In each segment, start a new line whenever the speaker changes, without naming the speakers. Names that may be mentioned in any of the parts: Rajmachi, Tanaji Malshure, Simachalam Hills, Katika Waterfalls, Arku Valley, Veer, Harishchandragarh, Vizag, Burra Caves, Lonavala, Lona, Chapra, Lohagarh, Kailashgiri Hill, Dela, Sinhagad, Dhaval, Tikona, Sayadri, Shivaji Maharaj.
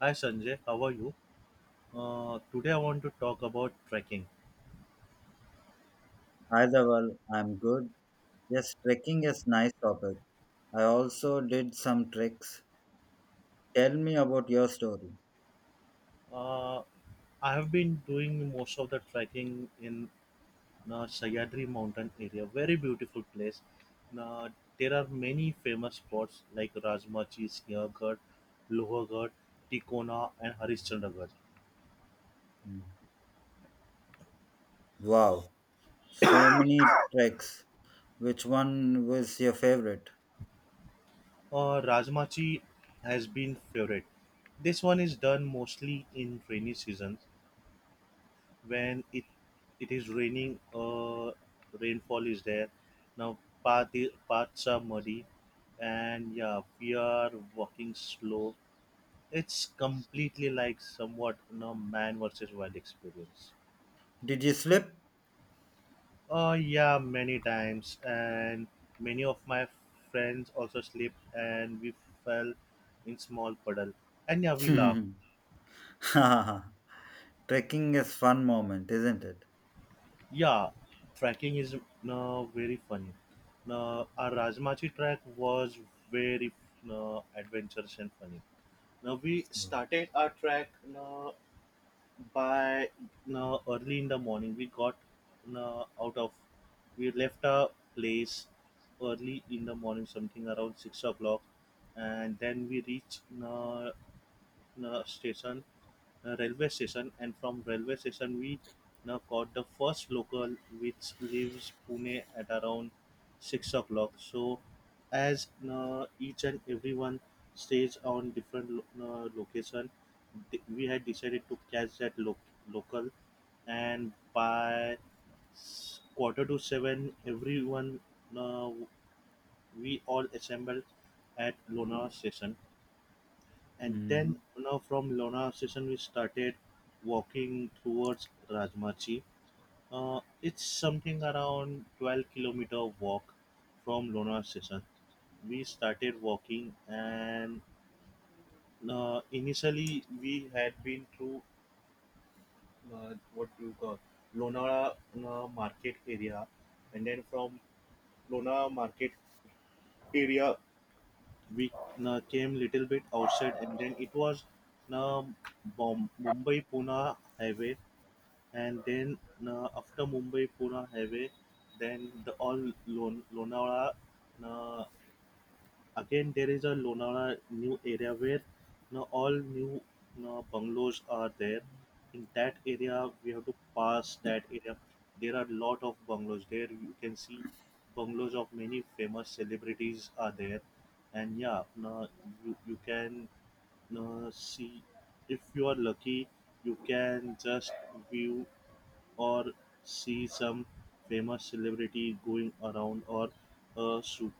Hi Sanjay, how are you? Today I want to talk about trekking.
Hi Dhaval, I'm good. Yes, trekking is nice topic. I also did some treks. Tell me about your story.
Uh, I have been doing most of the trekking in the Sayadri mountain area, very beautiful place. Now, there are many famous spots like Rajmachi, Sinhagad, Lohagarh, Tikona and Harishchandragarh.
Mm. Wow, so many treks. Which one was your favorite?
Rajmachi has been favorite. This one is done mostly in rainy season when it is raining, rainfall is there now, paths are muddy, and yeah, we are walking slow. It's completely like somewhat, man versus wild experience.
Did you slip?
Yeah, many times, and many of my friends also slipped and we fell in small puddle, and yeah, we laugh.
Trekking is fun moment, isn't it?
Yeah, trekking is very funny. Now, our Rajmachi trek was very, adventurous and funny. Now, we started our trek uh, by early in the morning. We got uh, out of, we left our place early in the morning, something around 6 o'clock, and then we reached station, railway station, and from railway station we now caught the first local which leaves Pune at around 6 o'clock. So, as each and everyone stays on different location, we had decided to catch that local, and by quarter to seven, everyone, uh, we all assembled at Lona station, and then
Mm.
now from Lona station, we started walking towards Rajmachi. It's something around 12-kilometer walk from Lona station. We started walking, and initially we had been through, what you call, Lona market area, and then from Lona market area we came little bit outside, and then it was uh, mumbai pune highway, and then after mumbai pune highway, then the all lonavala, uh, again, there is a Lonavala new area where now all new now bungalows are there. In that area, we have to pass that area. There are lot of bungalows there. You can see bungalows of many famous celebrities are there, and yeah, now you can now see, if you are lucky, you can just view or see some famous celebrity going around, or a super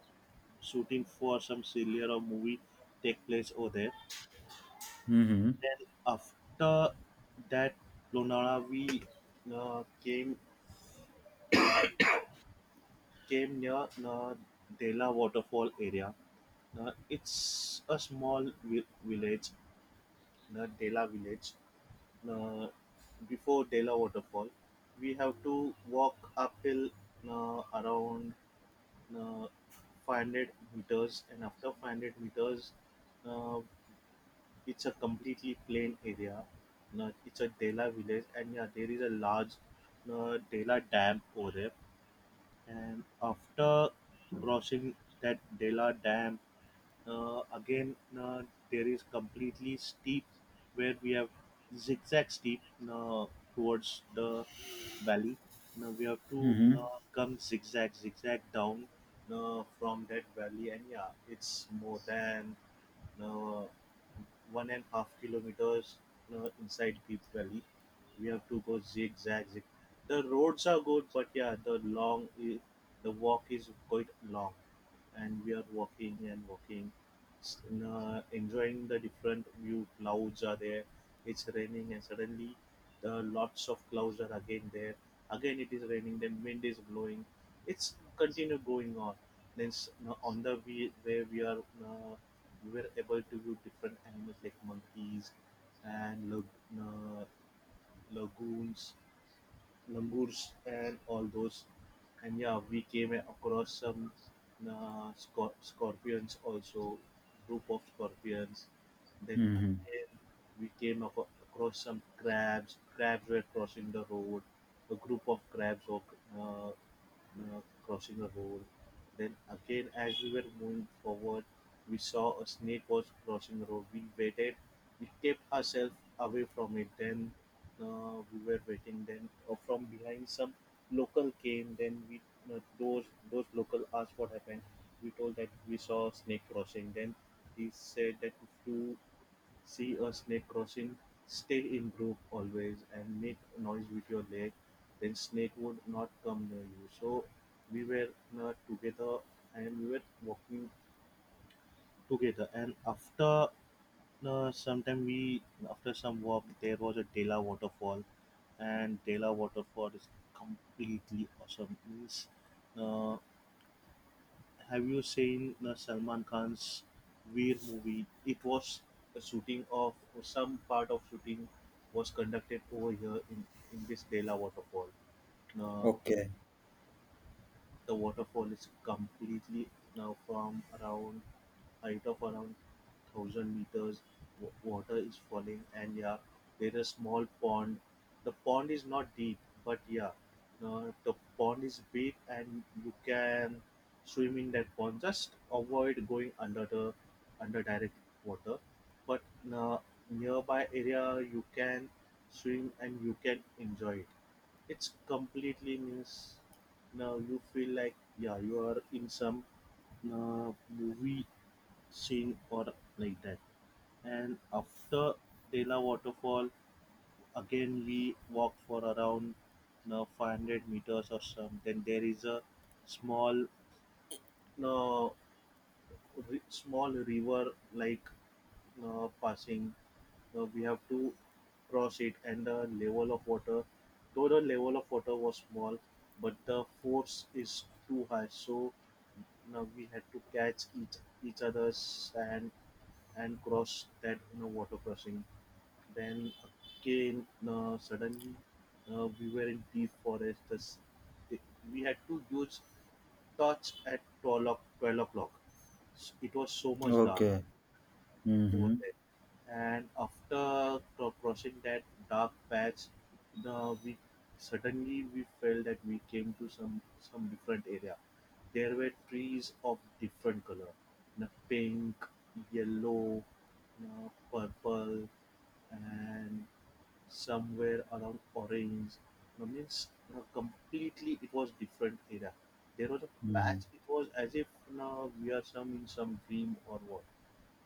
shooting for some serial or movie take place over there.
Mm-hmm.
Then after that, Lonavala we uh, came came near Dela waterfall area. It's a small village, the Dela village. Uh, before Dela waterfall, we have to walk uphill around uh, 500 meters, and after 500 meters, uh, it's a completely plain area. No, it's a Dela village, and yeah, there is a large, no, Dela dam over there. And after crossing that Dela dam, again there is completely steep where we have zigzag steep uh, towards the valley. Now we have to
Mm-hmm.
come zigzag, zigzag down from that valley, and yeah, it's more than, no, 1.5 kilometers inside Deep Valley. We have to go zigzag. Zig. The roads are good, but yeah, the long, eh, the walk is quite long, and we are walking and walking, enjoying the different view. Clouds are there, it's raining, and suddenly the lots of clouds are again there, again it is raining, then wind is blowing, it's continue going on. Then now on the way where we are, uh, we were able to view different animals like monkeys and lag- lagoons langurs and all those. And yeah, we came across some, scorpions also, group of scorpions. Then
Mm-hmm.
again, we across some crabs. Crabs were crossing the road. A group of crabs were uh, crossing a road. Then again, as we were moving forward, we saw a snake was crossing the road. We waited. We kept ourselves away from it. Then, we were waiting. Then from behind, some local came. Then we, uh, those those local asked what happened. We told that we saw a snake crossing. Then he said that if you see a snake crossing, stay in group always and make noise with your leg, then snake would not come near you. So we were, together, and we were walking together, and after sometime we, after some walk there was a Dela waterfall, and Dela waterfall is completely awesome. Means, uh, have you seen Salman Khan's Veer movie? It was a shooting of, some part of shooting was conducted over here in this Dela waterfall. Uh,
Okay.
the waterfall is completely now from around height of around 1,000 meters. W- water is falling, and yeah, there is small pond. The pond is not deep, but yeah, the pond is big, and you can swim in that pond. Just avoid going under the, under direct water, but uh, nearby area you can swim and you can enjoy it. It's completely, means, now you feel like, yeah, you are in some, movie scene or like that. And after Dela waterfall, again we walk for around 500 meters or some. Then there is a small, uh, small river like passing. We have to cross it, and the level of water, though the level of water was small, but the force is too high. So now we had to catch each other's hand and cross that, you know, water crossing. Then again, suddenly we were in deep forest. Thus, it- we had to use touch at 12 o'clock. 12 o'clock. It was so much dark
Okay.
over
Mm-hmm.
there. And after crossing that dark patch, the we suddenly we felt that we came to some different area. There were trees of different color, na pink, yellow, na purple, and somewhere around orange. That means, you know, completely it was different era. There was a patch.
Mm-hmm.
It was as if now we are some, in some dream or what.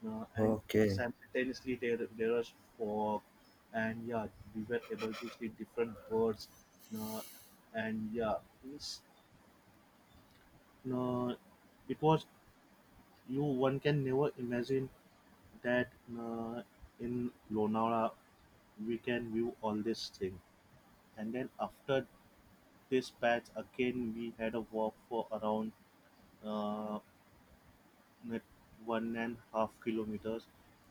And
Okay.
simultaneously there was fog, and yeah, we were able to see different birds, uh, and yeah, it's, uh, it was, you, one can never imagine that uh, in Lonavala we can view all this thing. And then after this patch, again we had a walk for around uh, one and half kilometers,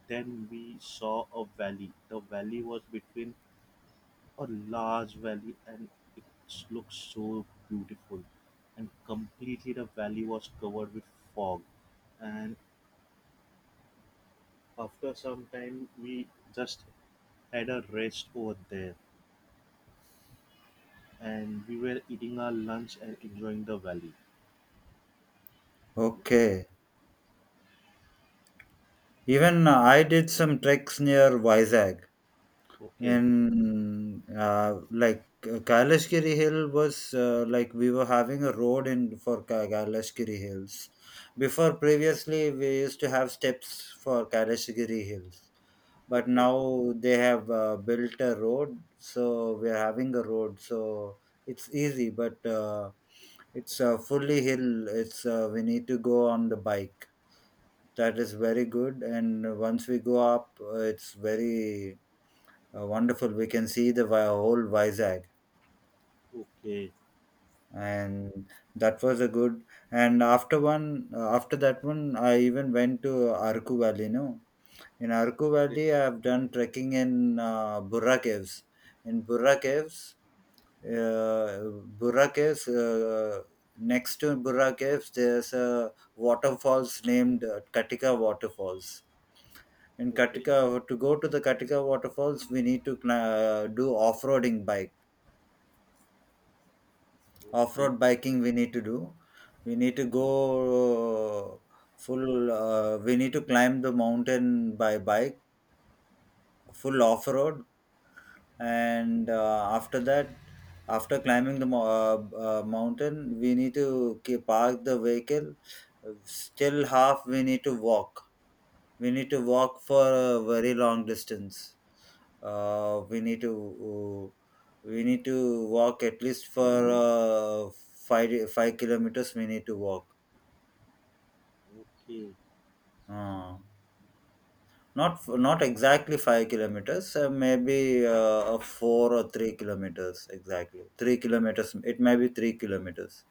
then we saw a valley. The valley was between a large valley, and it looked so beautiful, and completely the valley was covered with fog. And after some time we just had a rest over there, and we were eating our lunch and enjoying the valley.
Okay. Even I did some treks near Vizag.
Okay,
And Like Kailashgiri Hill was, like we were having a road in for Kailashgiri Hills. Before previously we used to have steps for Kailashgiri Hills, but
okay,
now they have built a road, so we are having a road. So it's easy, but it's fully hill. It's We need to go on the bike. That is very good, and once we go up, it's very wonderful. We can see the whole Vizag,
okay,
and that was a good. And after after that one, I even went to Arku Valley. No, in Arku
okay,
Valley, I have done trekking in Burra Caves. In Burra Caves, uh, Burra Caves. Next to Burra Caves, there's a waterfalls named Katika Waterfalls. In Katika, to go to the Katika waterfalls, we need to do
okay, okay,
off-road
okay,
biking we need to do. We need to go, uh, full we need to climb the mountain by bike, full off-road. And After that, after climbing the mountain, we need to keep park the vehicle. Still half we need to walk. We need to walk for a very long distance. We need to, uh, we need to walk at least for, uh, five five kilometers we need to walk.
okay,
uh, Not not exactly 5 kilometers, maybe, a 4 or 3 kilometers. Exactly 3 kilometers, it may be 3 kilometers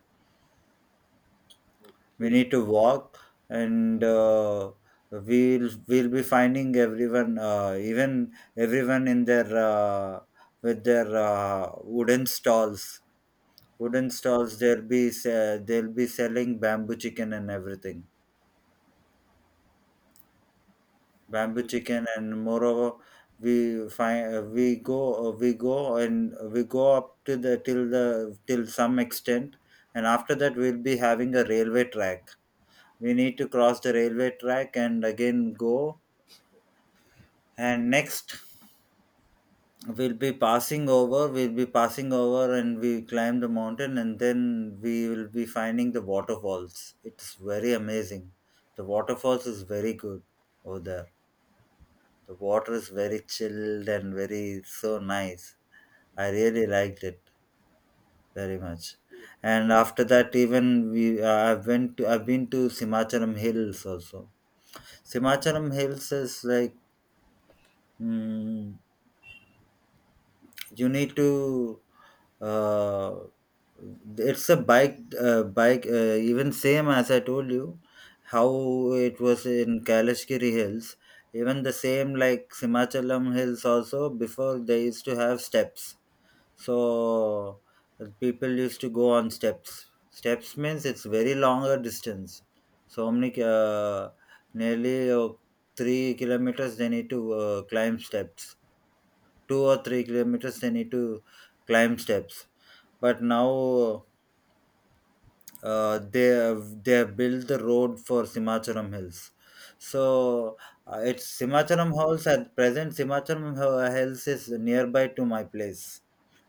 we need to walk. And we'll be finding everyone, even everyone in their with their wooden stalls. They'll be selling bamboo chicken and everything. Bamboo
okay,
chicken. And moreover we find, we go, and we go up to the till some extent. And after that we'll be having a railway track. We need to cross the railway track and again go. And next we'll be passing over, and we climb the mountain, and then we will be finding the waterfalls. It's very amazing. The waterfalls is very good over there. The water is very chilled and very so nice. I really liked it very much. And after that, even we I went to, I've been to Simacharam Hills also. Simacharam Hills is like, mm, you need to, uh, it's a bike bike even same as I told you how it was in Kalashgiri Hills. Even the same, like Simachalam Hills also before they used to have steps. So people used to go on steps. Steps means it's very longer distance. So many, nearly 3 kilometers they need to climb steps. 2 or 3 kilometers they need to climb steps. But now they have built the road for Simacharam Hills. So it's Simacharam Hills. At present, Simacharam Hills is nearby to my place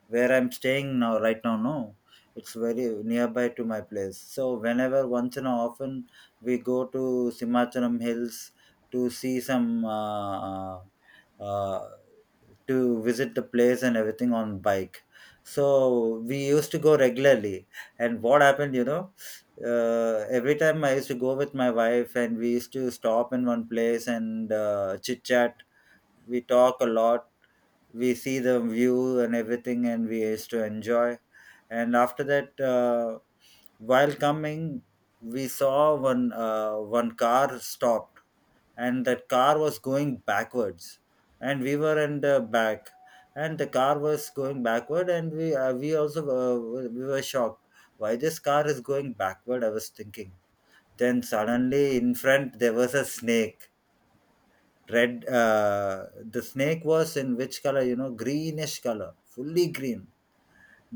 where I'm staying now, right now. No, it's very nearby to my place. So whenever, once in a often, we go to Simachalam Hills to see some, uh, to visit the place and everything on bike. So we used to go regularly. And what happened, you know, every time I used to go with my wife, and we used to stop in one place and chit chat. We talk a lot. We see the view and everything, and we used to enjoy. And after that, while coming, we saw one car stopped, and that car was going backwards, and we were in the back. And the car was going backward, and we, we also we were shocked. Why this car is going backward? I was thinking. Then suddenly in front there was a snake. Red The snake was in which color, you know? Greenish color, fully green.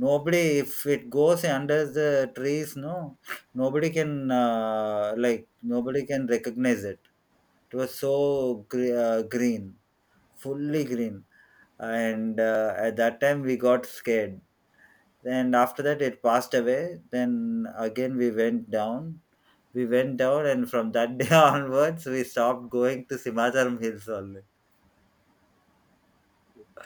Nobody, if it goes under the trees, no, nobody can, like, nobody can recognize it. It was so green, fully green. And at that time we got scared. And after that it passed away. Then again we went down. We went down, and from that day onwards we stopped going to Simacharam Hills only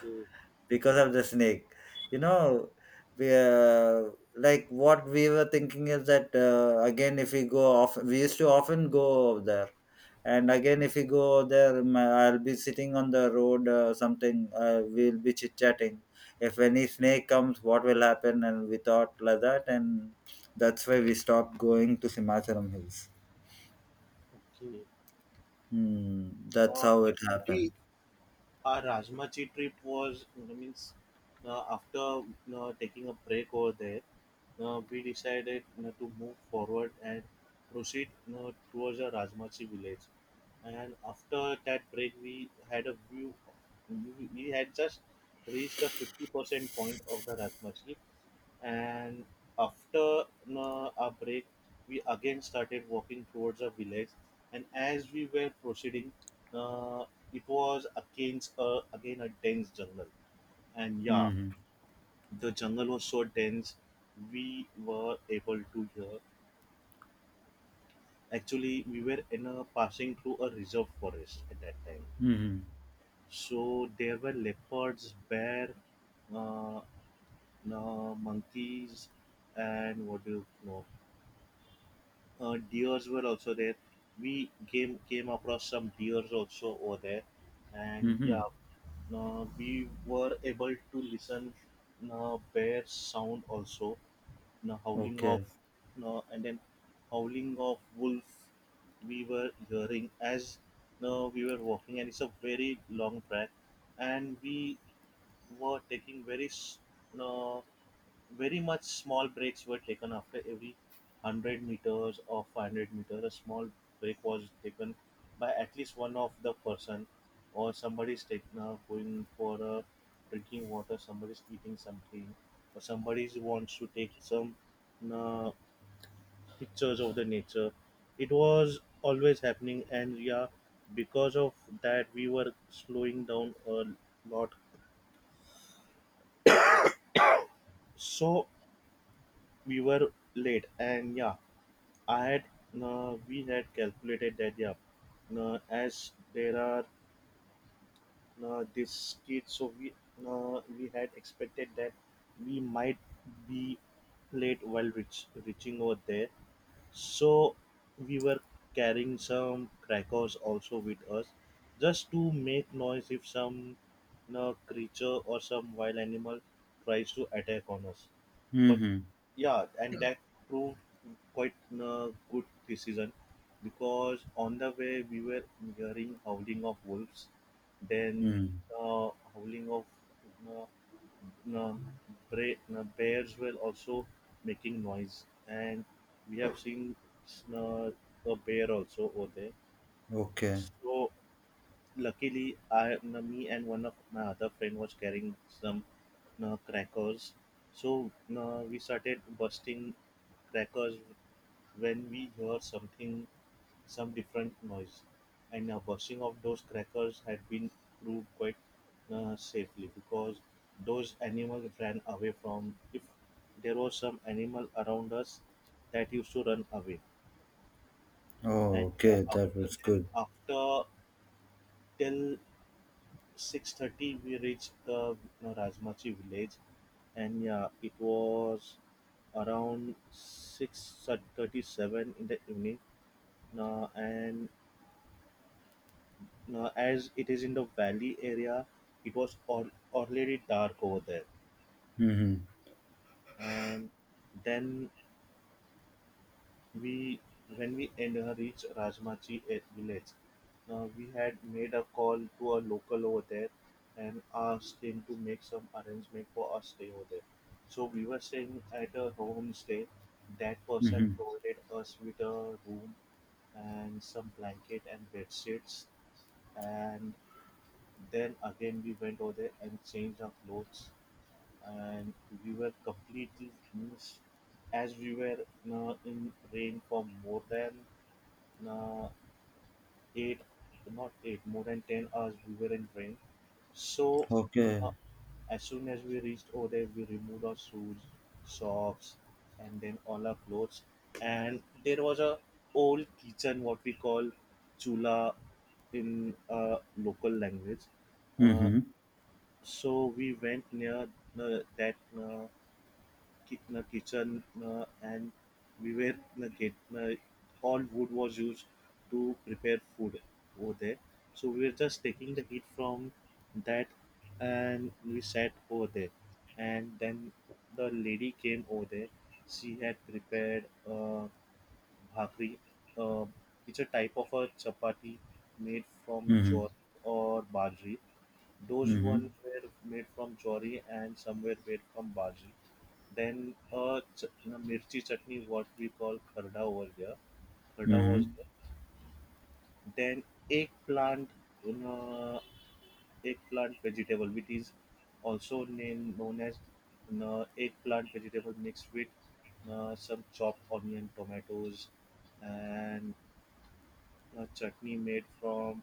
okay,
because of the snake. You know, we, like, what we were thinking is that, again if we go off, we used to often go over there. And again if we go over there, I'll be sitting on the road, something we'll be chit chatting. If any snake comes, what will happen? And we thought like that. And that's why we stopped going to Simacharam Hills.
okay.
Hmm. That's how it
Actually,
happened.
our Rajmachi trip was, you know, means, after, you know, taking a break over there, we decided, you know, to move forward and proceed, you know, towards the Rajmachi village. And after that break, we had a view. We had just reached the 50% point of the Rajmachi, and after a break we again started walking towards a village. And as we were proceeding, uh, it was against again a dense jungle, and yeah,
Hmm. Hmm.
the jungle was so dense. We were able to hear, actually we were in a passing through a reserve forest at that time,
Hmm. Hmm.
so there were leopards, bear, uh, monkeys, and what do you know, deers were also there. We came across some deers also over there, and
Hmm. Hmm.
yeah, we were able to listen bear sound also, the howling of,
Okay.
and then howling of wolf. We were hearing as, we were walking, and it's a very long track, and we were taking very uh, very much small breaks were taken after every 100 meters or 500 meters. A small break was taken by at least one of the person, or somebody's taking, going for drinking water, somebody's eating something, or somebody wants to take some uh, pictures of the nature. It was always happening, and yeah, because of that we were slowing down a lot. So we were late, and yeah, I had, we had calculated that, yeah, as there are, this kid, so we, we had expected that we might be late while reaching over there, so we were carrying some crackers also with us, just to make noise if some, you know, creature or some wild animal tries to attack on us.
Hmm.
But
Hmm.
yeah, and that proved quite a good decision, because on the way we were hearing howling of wolves, then
Hmm.
howling of uh, um, bears were also making noise, and we have seen uh, a bear also over there.
Okay.
So luckily, I me and one of my other friend was carrying some crackers. So we started busting crackers when we hear something, some different noise, and bursting of those crackers had been proved quite safely, because those animals ran away from. If there was some animal around us that used to run away.
Oh,
and
okay.
uh,
That
after
was
then
good.
after till 6:30 we reached the Rajmachi village, and yeah, it was around 6:37 in the evening. And Now, as it is in the valley area, it was already dark over there.
Mm-hmm.
And then, we, when we reached Rajmachi village, now we had made a call to a local over there and asked him to make some arrangement for us stay over there. So we were staying at a homestay. That person
Mm-hmm.
provided us with a room and some blanket and bed sheets. And then again we went over there and changed our clothes, and we were completely drenched as we were in rain for more than uh, eight, not eight, more than 10 hours. We were in rain. So
Okay.
uh, as soon as we reached over there, we removed our shoes, socks, and then all our clothes. And there was a old kitchen, what we call chula in local language. Uh,
Mm-hmm.
so we went near that kitchen, and we were get all wood was used to prepare food over there. So we were just taking the heat from that, and we sat over there. And then the lady came over there. She had prepared uh, bhakri. Uh, it's a type of a chapati made from
Mm-hmm.
jowar or bajri. Those one
Mm-hmm.
were made from chori and some were made from bajri. Then a mirchi chutney, what we call kharda over there. Kharda was
Mm-hmm.
there. Then eggplant, uh, eggplant vegetable, which is also named known as eggplant vegetable mixed with some chopped onion, tomatoes, and a chutney made from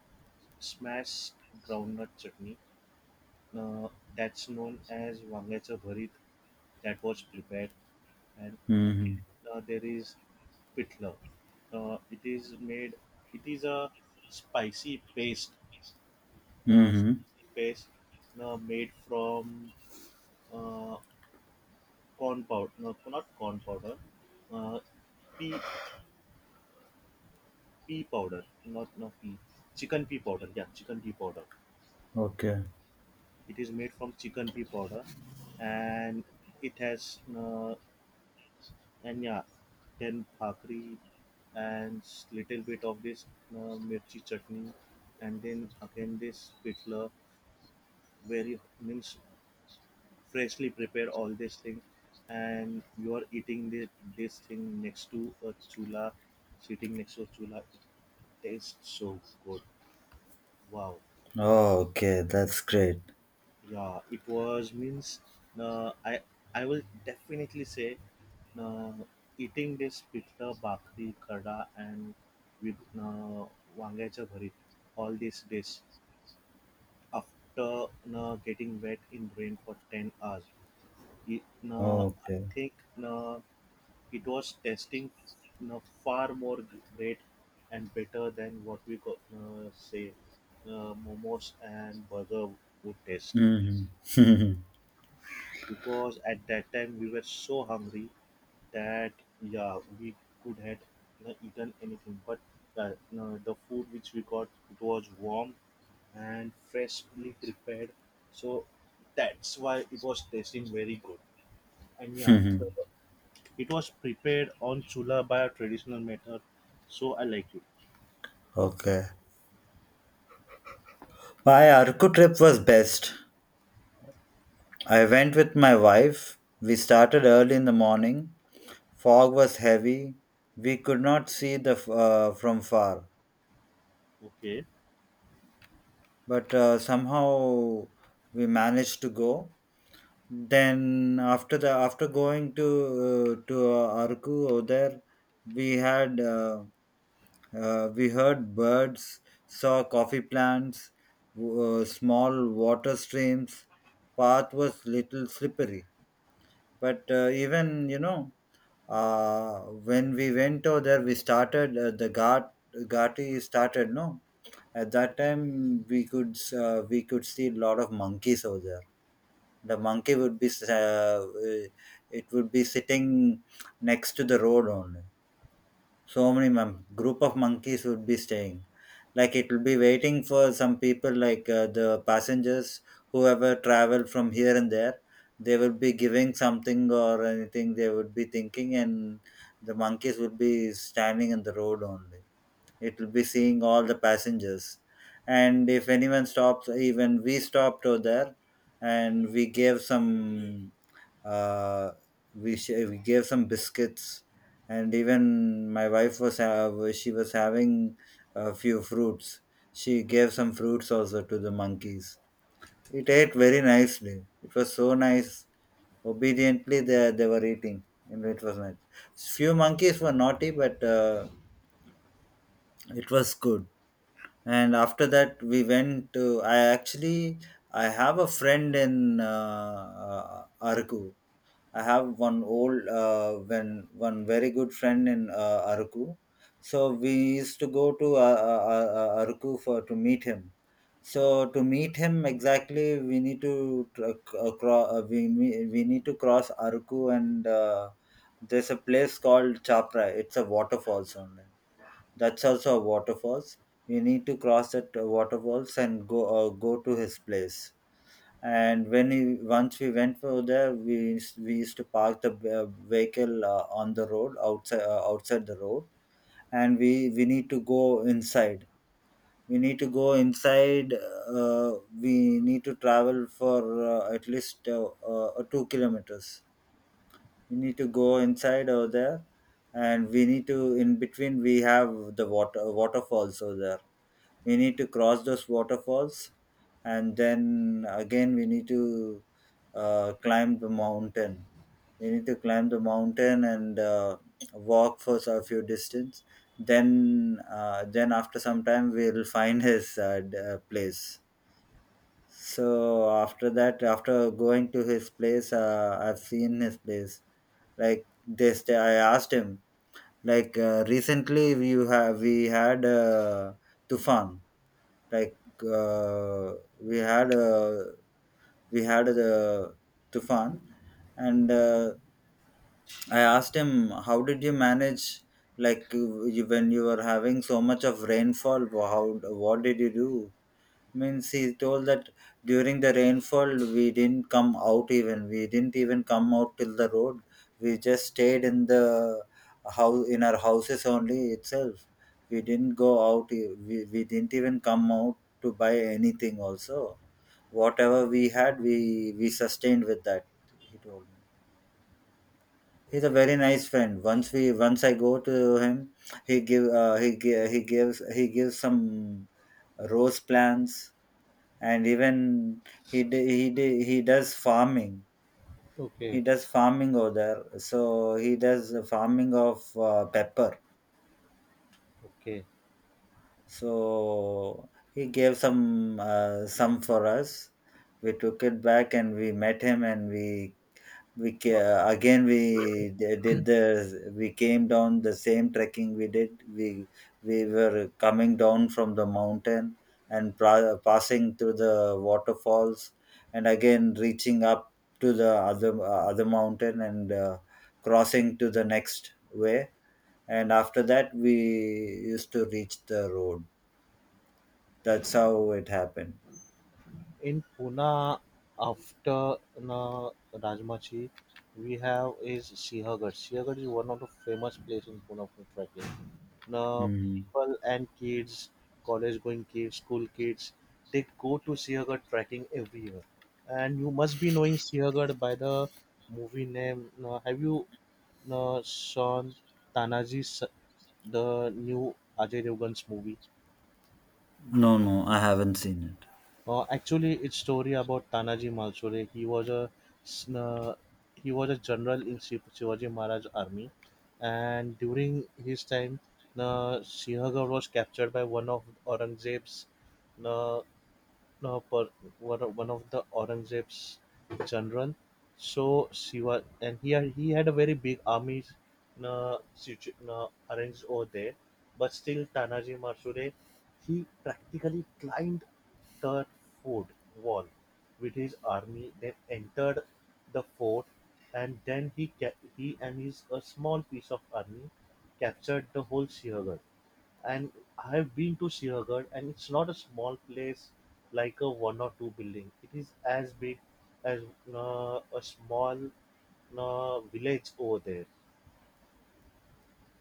smashed groundnut chutney, uh, that's known as Wangacha Bharit, that was prepared. And
Mm-hmm.
again, there is pitla. It is made. It is a spicy paste.
Mm-hmm.
Spicy paste made from uh, corn powder. No, not corn powder. Uh, pea pea powder. Not no pea. Chicken pea powder. Yeah, chicken pea powder.
Okay.
It is made from chicken pea powder, and it has and yeah, then bhakri and little bit of this uh, mirchi chutney, and then again this pitla, very means freshly prepare all this thing, and you are eating this thing next to a chula, sitting next to a chula. It tastes so good. Wow.
Oh, okay. That's great.
Yeah, it was means, uh, i I will definitely say uh, eating this pitla bhakri kada and with uh, wangacha bharit all these days after getting wet in rain for 10 hours, it, uh, I
Okay.
think uh, it was tasting far more great and better than what we got, say momos and burger would taste,
Mm-hmm.
because at that time we were so hungry that yeah, we could had not eaten anything. But no, the food which we got, it was warm and freshly prepared, so that's why it was tasting very good. And yeah, it was prepared on chula by a traditional method, so I like it.
Okay. My Arku trip was best. I went with my wife. We started early in the morning. Fog was heavy. We could not see the from far.
Okay,
But somehow we managed to go. Then after the after going to, Arku over there, we had, we heard birds, saw coffee plants, w- small water streams. Path was little slippery. But even, you know, uh, when we went over there, we started, the ghat, ghati started. No, at that time, we could, we could see a lot of monkeys over there. The monkey would be it would be sitting next to the road only. So many group of monkeys would be staying. Like, it will be waiting for some people, like, the passengers, whoever travel from here and there. They would be giving something or anything. They would be thinking, and the monkeys would be standing in the road only. It will be seeing all the passengers. And if anyone stops, even we stopped over there, and we gave some, uh, we gave some biscuits. And even my wife was have she was having a few fruits. She gave some fruits also to the monkeys. It ate very nicely. It was so nice. Obediently they were eating. And it was nice. Few monkeys were naughty, but it was good. And after that we went to, I actually, I have a friend in, Arku. I have one old, when one very good friend in, Arku. So we used to go to, Arku for to meet him. So to meet him exactly we need to tr- uh, cro- uh, we, we we need to cross Arku. And there's a place called Chapra. It's a waterfalls only. That's also a waterfalls. We need to cross that waterfalls and go, go to his place. And when we, once we went for there, we we used to park the, vehicle, on the road outside, outside the road. And we need to go inside. We need to go inside. Uh, we need to travel for, at least 2 kilometers. We need to go inside over there. And we need to, in between we have the water waterfalls over there. We need to cross those waterfalls. And then again we need to climb the mountain. We need to climb the mountain and walk for a few distance. Then then after some time we'll find his place. So after that, after going to his place, I've seen his place. Like this, I asked him, like, recently we have, we had, tufan. Like uh, we had a, we had the tufan. And I asked him, how did you manage, like, when you were having so much of rainfall, how, what did you do? Means he told that during the rainfall we didn't come out, even we didn't even come out till the road. We just stayed in the house, in our houses only itself. We didn't go out, we didn't even come out to buy anything also. Whatever we had, we sustained with that, he told me. He's a very nice friend. Once we, once I go to him, he gives he gives some rose plants. And even he he does farming.
okay,
He does farming over there. So he does the farming of pepper.
okay,
So he gave some, some for us. We took it back, and we met him, and we
Uh,
ca- again we d- did the we came down the same trekking we did. We were coming down from the mountain and passing through the waterfalls. And again reaching up to the other, other mountain, and crossing to the next way. And after that we used to reach the road. That's how it happened.
In Pune, after na Rajmachi, we have is Sihagarh. Sihagarh is one of the famous place in Pune for trekking. Now,
Mhm.
people and kids, college-going kids, school kids, they go to Sihagarh trekking every year. And you must be knowing Sihagarh by the movie name. Now, have you seen Tanaji, the new Ajay Devgan's movie?
No, no, I haven't seen it.
Actually, it's story about Tanaji Malshure. He was a sn- uh, general in Shivaji Maharaj army, and during his time, Sihagar was captured by one of Aurangzeb's uh, per, one of the Aurangzeb's children. So she was, and he had a very big army arranged over there. But still, Tanaji Marsure, he practically climbed the fort wall with his army, then entered the fort, and then he and his a small piece of army captured the whole Siagar. And I've been to Siaghad, and it's not a small place like a one or two building. It is as big as a small village over there.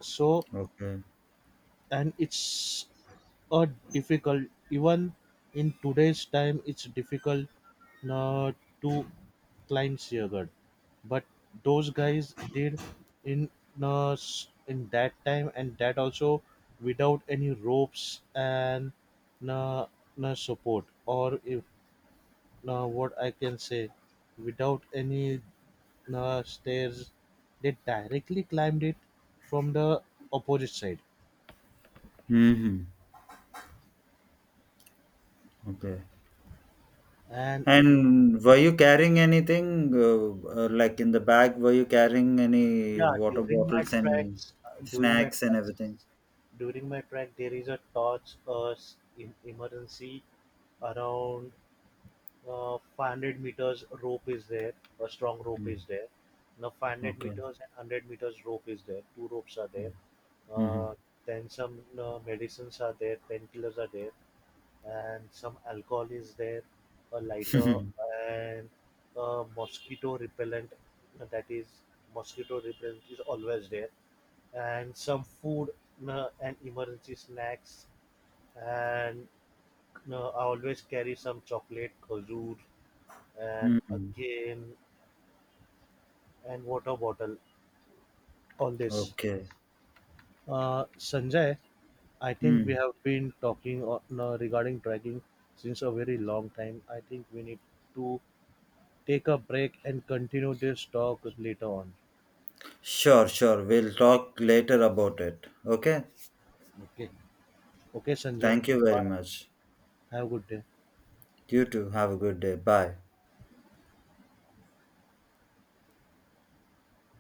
So,
Okay.
and it's uh, difficult, even in today's time it's difficult uh, to climb Siagat. But those guys did in in that time, and that also without any ropes and uh, support, or if what I can say, without any stairs. They directly climbed it from the opposite side.
Hmm. Okay.
And
And were you carrying anything, like, in the bag? Were you carrying any
yeah,
water bottles and
during my
snacks and
tracks,
everything?
during my track, there is a torch, emergency, around 500 meters rope is there, a strong rope is
Mm.
there. Now 500
Okay.
meters and 100 meters rope is there. Two ropes are there. Uh,
Mm-hmm.
then some medicines are there, painkillers are there, and some alcohol is there, a lighter, and a mosquito repellent. That is, mosquito repellent is always there, and some food and emergency snacks. And I always carry some chocolate, khajur, and
Mm.
again, and water bottle, all this.
Okay.
Sanjay, I think we
Mm.
have been talking on, regarding trekking since a very long time. I think we need to take a break and continue this talk later on.
Sure, sure. We'll talk later about it. Okay.
Okay. Okay, Sanjay.
Thank you very
Bye.
much.
Have a good day.
You too. Have a good day. Bye.